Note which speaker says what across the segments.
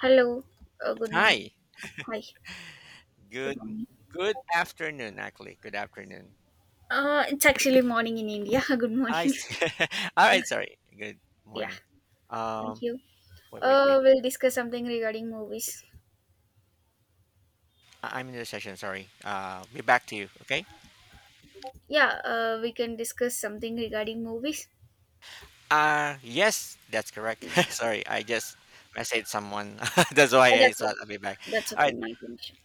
Speaker 1: Hello. Good morning.
Speaker 2: Hi.
Speaker 1: Hi. Good
Speaker 2: Good
Speaker 1: morning.
Speaker 2: good afternoon actually. Good afternoon.
Speaker 1: It's actually morning in India. Good
Speaker 2: I
Speaker 1: morning.
Speaker 2: see. All
Speaker 1: Uh,
Speaker 2: right, sorry. Good
Speaker 1: yeah.
Speaker 2: morning.
Speaker 1: Thank
Speaker 2: Um
Speaker 1: you.
Speaker 2: wait, wait, wait.
Speaker 1: We'll discuss something regarding movies.
Speaker 2: I'm in the session, sorry. Be back to you, okay?
Speaker 1: Yeah. We can discuss something regarding movies.
Speaker 2: Yes, that's correct. Sorry, I just messaged someone. That's why I
Speaker 1: That's it.
Speaker 2: thought I'll be back.
Speaker 1: That's
Speaker 2: All
Speaker 1: okay.
Speaker 2: right.
Speaker 1: My connection.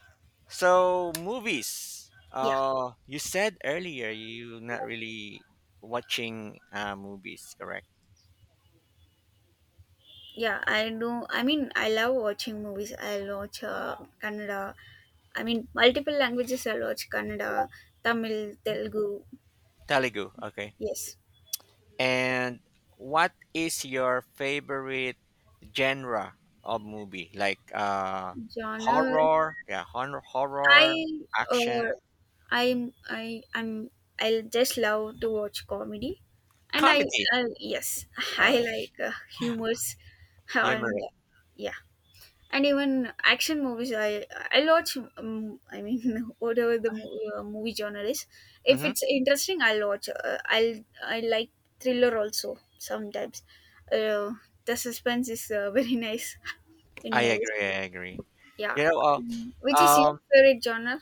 Speaker 2: So, movies.
Speaker 1: Yeah.
Speaker 2: You said earlier you're not really watching movies, correct?
Speaker 1: Yeah. I know. I mean, I love watching movies. I watch Kannada. I mean, multiple languages. I watch Kannada, Tamil, Telugu.
Speaker 2: Telugu, okay.
Speaker 1: Yes.
Speaker 2: And what is your favorite genre of movie? Like
Speaker 1: Genre.
Speaker 2: horror, yeah, horror,
Speaker 1: I
Speaker 2: horror, action,
Speaker 1: uh, I'm
Speaker 2: mhm,
Speaker 1: I I'm I'll just love to watch comedy, and I,
Speaker 2: comedy.
Speaker 1: I yes,
Speaker 2: All
Speaker 1: I
Speaker 2: right.
Speaker 1: like humors, and
Speaker 2: Humorous.
Speaker 1: yeah, and even action movies. I watch. I mean, whatever the movie genre is, if
Speaker 2: Mm-hmm.
Speaker 1: it's interesting, I'll watch. I like thriller also sometimes. Uh, the suspense is very nice in
Speaker 2: I
Speaker 1: movies.
Speaker 2: agree, I agree.
Speaker 1: Yeah.
Speaker 2: You know, uh,
Speaker 1: Which is your
Speaker 2: um
Speaker 1: favorite genre?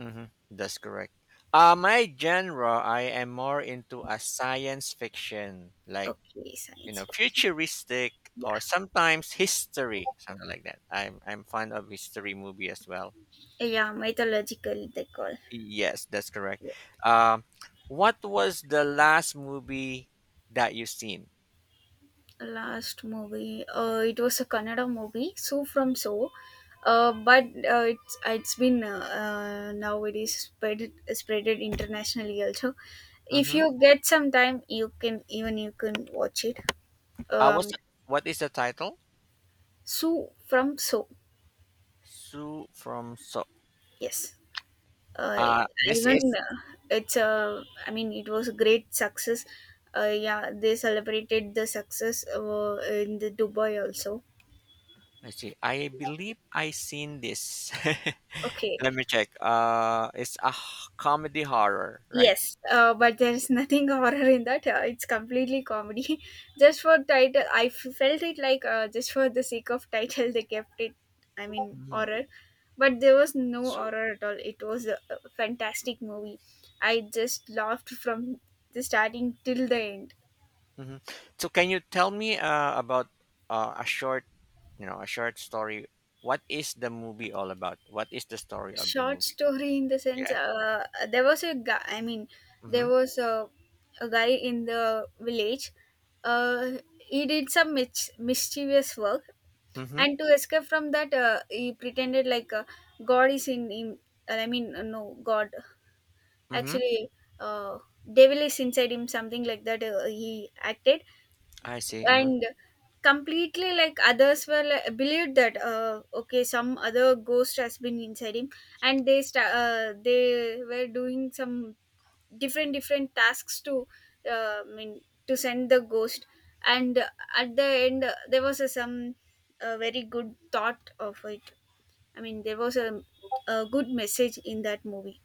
Speaker 2: mhm, that's correct. My genre, I am more into a science fiction, like,
Speaker 1: Okay,
Speaker 2: you
Speaker 1: science
Speaker 2: know,
Speaker 1: fiction.
Speaker 2: futuristic
Speaker 1: Yeah.
Speaker 2: or sometimes history, something like that. I'm fond of history movie as well.
Speaker 1: Yeah, mythological they call.
Speaker 2: Yes, that's correct.
Speaker 1: Yeah.
Speaker 2: Um, what was the last movie that you seen?
Speaker 1: Last movie, it was a Kannada movie. So From So. But it's been now it is spreaded internationally also. If
Speaker 2: Mm-hmm.
Speaker 1: you get some time, you can watch it.
Speaker 2: Uh, what's
Speaker 1: Um,
Speaker 2: the- what is the title?
Speaker 1: so From So.
Speaker 2: Sue from so.
Speaker 1: Yes. uh,
Speaker 2: This
Speaker 1: Even,
Speaker 2: is.
Speaker 1: it's a I mean it was a great success. Yeah, they celebrated the success in the Dubai also.
Speaker 2: Let's see. I believe I seen this.
Speaker 1: Okay.
Speaker 2: Let me check. It's a comedy horror, right?
Speaker 1: Yes. But there's nothing horror in that. It's completely comedy. Just for title, I felt it like, just for the sake of title they kept it. I mean
Speaker 2: Mhm.
Speaker 1: horror, but there was no
Speaker 2: So,
Speaker 1: horror at all. It was a fantastic movie. I just laughed from the starting till the end.
Speaker 2: hmm, so can you tell me about a short, you know, a short story? What is the movie all about? What is the story of the
Speaker 1: Short
Speaker 2: movie?
Speaker 1: story in the sense,
Speaker 2: Yes.
Speaker 1: there was a guy, I mean,
Speaker 2: Mm-hmm.
Speaker 1: there was a guy in the village. uh, he did some mischievous work,
Speaker 2: Mm-hmm.
Speaker 1: and to escape from that, he pretended like, God is in him. I mean, no God,
Speaker 2: Mm-hmm.
Speaker 1: actually, uh, devil is inside him, something like that. He acted,
Speaker 2: I see.
Speaker 1: and completely, like, others were like, believed that, okay, some other ghost has been inside him. And they were doing some different different tasks to, I mean, to send the ghost. And, at the end, there was some very good thought of it. I mean, there was a good message in that movie.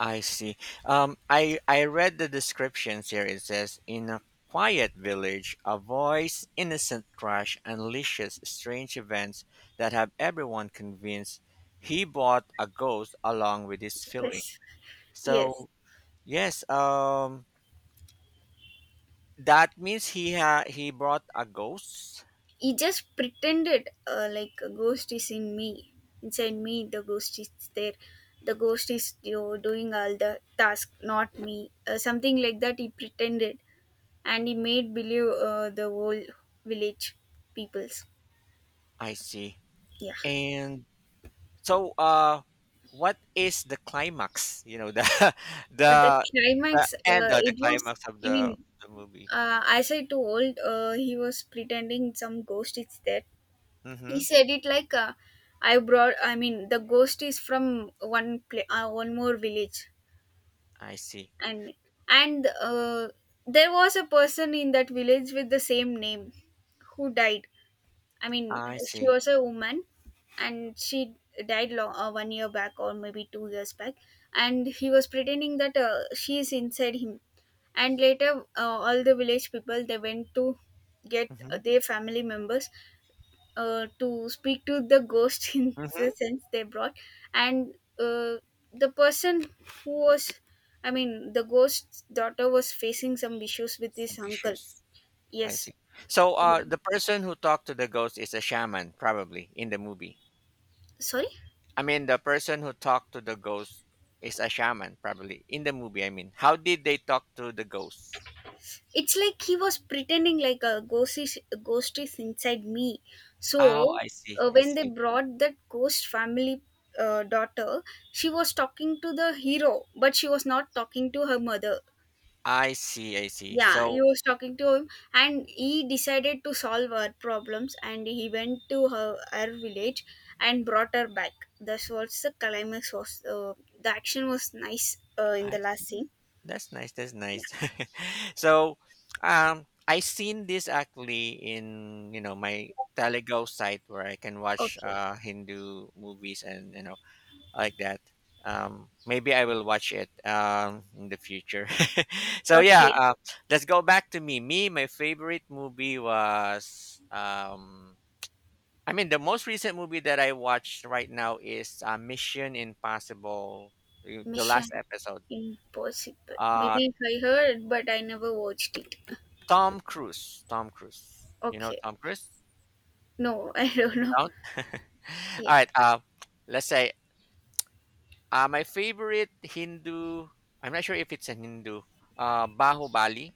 Speaker 2: I see. I read the descriptions here. It says, "In a quiet village, a voice, innocent trash unleashes strange events that have everyone convinced he bought a ghost along with his filling."
Speaker 1: Yes. Yes.
Speaker 2: So yes, that means he brought a ghost.
Speaker 1: He just pretended, like a ghost is in me. Inside me the ghost is there. The ghost is, doing all the task, not me. Something like that he pretended, and he made believe, the whole village peoples.
Speaker 2: I see.
Speaker 1: Yeah.
Speaker 2: And so, what is the climax? You know, the
Speaker 1: At the
Speaker 2: the the
Speaker 1: climax,
Speaker 2: end or the
Speaker 1: it was,
Speaker 2: climax of
Speaker 1: I mean,
Speaker 2: the movie.
Speaker 1: as I told, he was pretending some ghost is there. He
Speaker 2: Mm-hmm.
Speaker 1: said it like, I brought, I mean, the ghost is from one more village.
Speaker 2: I see.
Speaker 1: And and there was a person in that village with the same name who died. I mean,
Speaker 2: I
Speaker 1: she
Speaker 2: see.
Speaker 1: was a woman, and she died long, 1 year back, or maybe 2 years back, and he was pretending that, she is inside him. And later, all the village people they went to get
Speaker 2: Mm-hmm.
Speaker 1: their family members, to speak to the ghost. In the
Speaker 2: Mm-hmm.
Speaker 1: sense, they brought. And, the person who was, I mean, the ghost's daughter was facing some issues with his
Speaker 2: Some
Speaker 1: uncle.
Speaker 2: issues. I
Speaker 1: Yes.
Speaker 2: see. So,
Speaker 1: Yeah.
Speaker 2: the person who talked to the ghost is a shaman, probably in the movie.
Speaker 1: Sorry.
Speaker 2: I mean, the person who talked to the ghost is a shaman, probably in the movie. I mean, how did they talk to the ghost?
Speaker 1: It's like he was pretending like a ghost is inside me. So,
Speaker 2: Oh, I see. I
Speaker 1: when they
Speaker 2: see.
Speaker 1: brought that ghost family, daughter, she was talking to the hero, but she was not talking to her mother.
Speaker 2: I see. I see.
Speaker 1: Yeah, he
Speaker 2: So,
Speaker 1: was talking to him, and he decided to solve her problems, and he went to her, village, and brought her back. That's what the climax was. The action was nice, in
Speaker 2: I
Speaker 1: the last
Speaker 2: see.
Speaker 1: scene.
Speaker 2: That's nice. That's
Speaker 1: Yeah.
Speaker 2: nice. So, I seen this actually in, you know, my Telugu site where I can watch
Speaker 1: Okay.
Speaker 2: Hindu movies and you know like that. Maybe I will watch it in the future. So yeah,
Speaker 1: Okay.
Speaker 2: let's go back to me. Me, my favorite movie was. I mean, the most recent movie that I watched right now is Mission Impossible, the
Speaker 1: Mission
Speaker 2: last episode.
Speaker 1: Impossible,
Speaker 2: Uh,
Speaker 1: maybe I heard, but I never watched it.
Speaker 2: Tom Cruise. Tom Cruise. You know
Speaker 1: Okay.
Speaker 2: Tom Cruise?
Speaker 1: No. I don't
Speaker 2: You
Speaker 1: know.
Speaker 2: don't? All
Speaker 1: Yeah.
Speaker 2: right. Let's say my favorite Hindu. I'm not sure if it's a Hindu. Bahubali.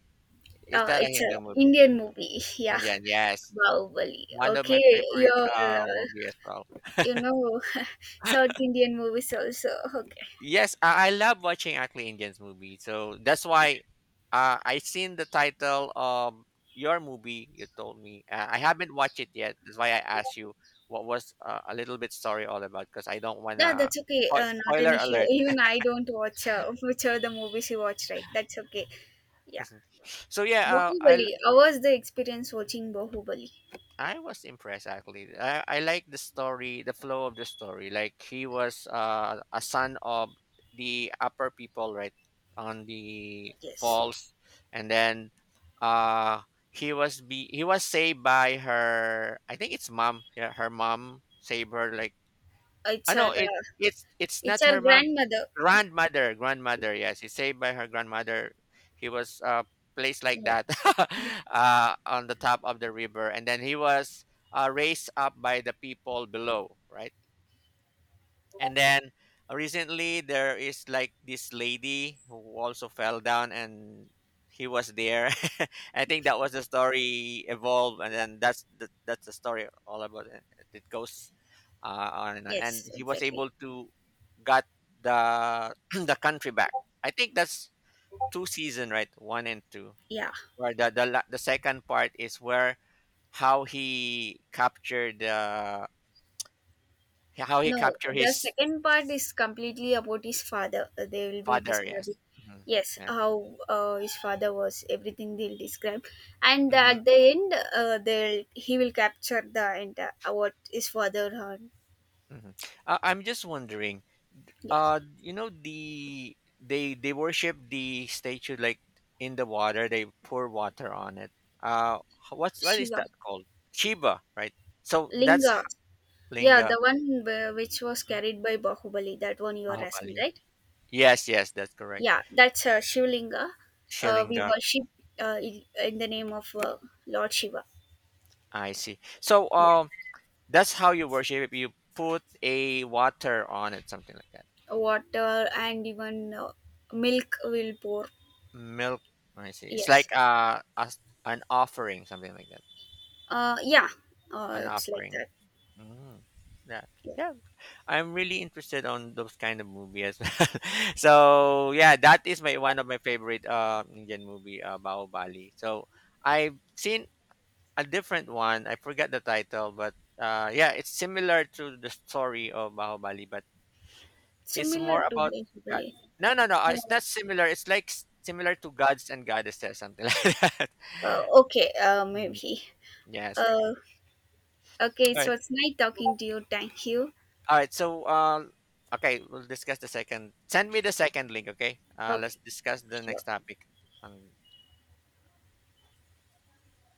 Speaker 2: Is that a
Speaker 1: It's a
Speaker 2: Hindu movie?
Speaker 1: Indian movie. Yeah.
Speaker 2: Indian. Yes.
Speaker 1: Bahubali.
Speaker 2: One of my
Speaker 1: Okay, your
Speaker 2: favorite movie as well.
Speaker 1: you know, South Indian movies also. Okay.
Speaker 2: Yes, I love watching Ugly Indians movie. So that's why I seen the title of your movie. You told me I haven't watched it yet. That's why I asked you what was a little bit story all about because I don't
Speaker 1: No,
Speaker 2: wanna
Speaker 1: that's okay. Not an
Speaker 2: spoiler
Speaker 1: issue.
Speaker 2: alert.
Speaker 1: Even I don't watch, which are the movies you watch, right? That's okay. Yeah,
Speaker 2: So yeah,
Speaker 1: Bahubali. How was the experience watching Bahubali?
Speaker 2: I was impressed actually. I like the story, the flow of the story. Like he was a son of the upper people, right, on the
Speaker 1: Yes,
Speaker 2: falls, and then uh, he was saved by her. I think it's mom. Yeah, her mom saved her. Like
Speaker 1: it's
Speaker 2: I
Speaker 1: our
Speaker 2: know it.
Speaker 1: uh,
Speaker 2: It's
Speaker 1: it's
Speaker 2: not
Speaker 1: our
Speaker 2: her mom,
Speaker 1: grandmother.
Speaker 2: grandmother. Yes, he's saved by her grandmother. He was placed like
Speaker 1: Yeah.
Speaker 2: that. Uh, on the top of the river, and then he was raised up by the people below, right? And then recently there is like this lady who also fell down, and he was there. I think that was the story evolved, and then that's the story all about it. It goes on and on, and
Speaker 1: Yes,
Speaker 2: he was
Speaker 1: exactly.
Speaker 2: able to got the the country back. I think that's two season, right? One and two.
Speaker 1: Yeah.
Speaker 2: Where the the second part is where how he captured uh, how he
Speaker 1: No,
Speaker 2: captured
Speaker 1: the
Speaker 2: his
Speaker 1: second part is completely about his father. They will be
Speaker 2: father.
Speaker 1: describing,
Speaker 2: Yes. Hmm.
Speaker 1: yes,
Speaker 2: Yeah.
Speaker 1: how his father was. Everything they'll describe, and at
Speaker 2: Hmm.
Speaker 1: the end, they'll he will capture the entire, what his father had.
Speaker 2: Hmm. I'm just wondering.
Speaker 1: Yes.
Speaker 2: You know, they they worship the statue like in the water. They pour water on it. Uh, what is
Speaker 1: Shiva.
Speaker 2: that called? Shiva, right? So that's
Speaker 1: Linga. Yeah, the
Speaker 2: Linga.
Speaker 1: one which was
Speaker 2: Mhm.
Speaker 1: carried by Bahubali. That one you are asking,
Speaker 2: Mahubali.
Speaker 1: right?
Speaker 2: Yes, yes, that's correct.
Speaker 1: Yeah, that's Shivlinga. We
Speaker 2: Shilinga.
Speaker 1: worship, in the name of, Lord Shiva.
Speaker 2: I see. So
Speaker 1: Yes.
Speaker 2: that's how you worship it. You put a water on it, something like that.
Speaker 1: Water, and even, milk will pour.
Speaker 2: Milk. I see. It's
Speaker 1: Yes.
Speaker 2: like a, an offering, something like that.
Speaker 1: Yeah.
Speaker 2: An
Speaker 1: It's like
Speaker 2: offering.
Speaker 1: that.
Speaker 2: Mm, yeah.
Speaker 1: Yeah.
Speaker 2: Yeah. I'm really interested on those kind of movies. So yeah, that is my one of my favorite Indian movie, Bahubali. So I've seen a different one. I forgot the title, but yeah, it's similar to the story of Bahubali, but it's
Speaker 1: Similar
Speaker 2: more
Speaker 1: to,
Speaker 2: about God.
Speaker 1: basically.
Speaker 2: No, no, no. It's not similar. It's like similar to gods and goddesses, something like that.
Speaker 1: Okay.
Speaker 2: Mhm.
Speaker 1: Maybe.
Speaker 2: Yes.
Speaker 1: uh okay,
Speaker 2: All
Speaker 1: so
Speaker 2: right.
Speaker 1: it's nice talking to you. Thank you.
Speaker 2: All right. So, okay, we'll discuss the second. Send me the second link, okay? Let's
Speaker 1: Okay.
Speaker 2: discuss the
Speaker 1: Sure.
Speaker 2: next topic. Um,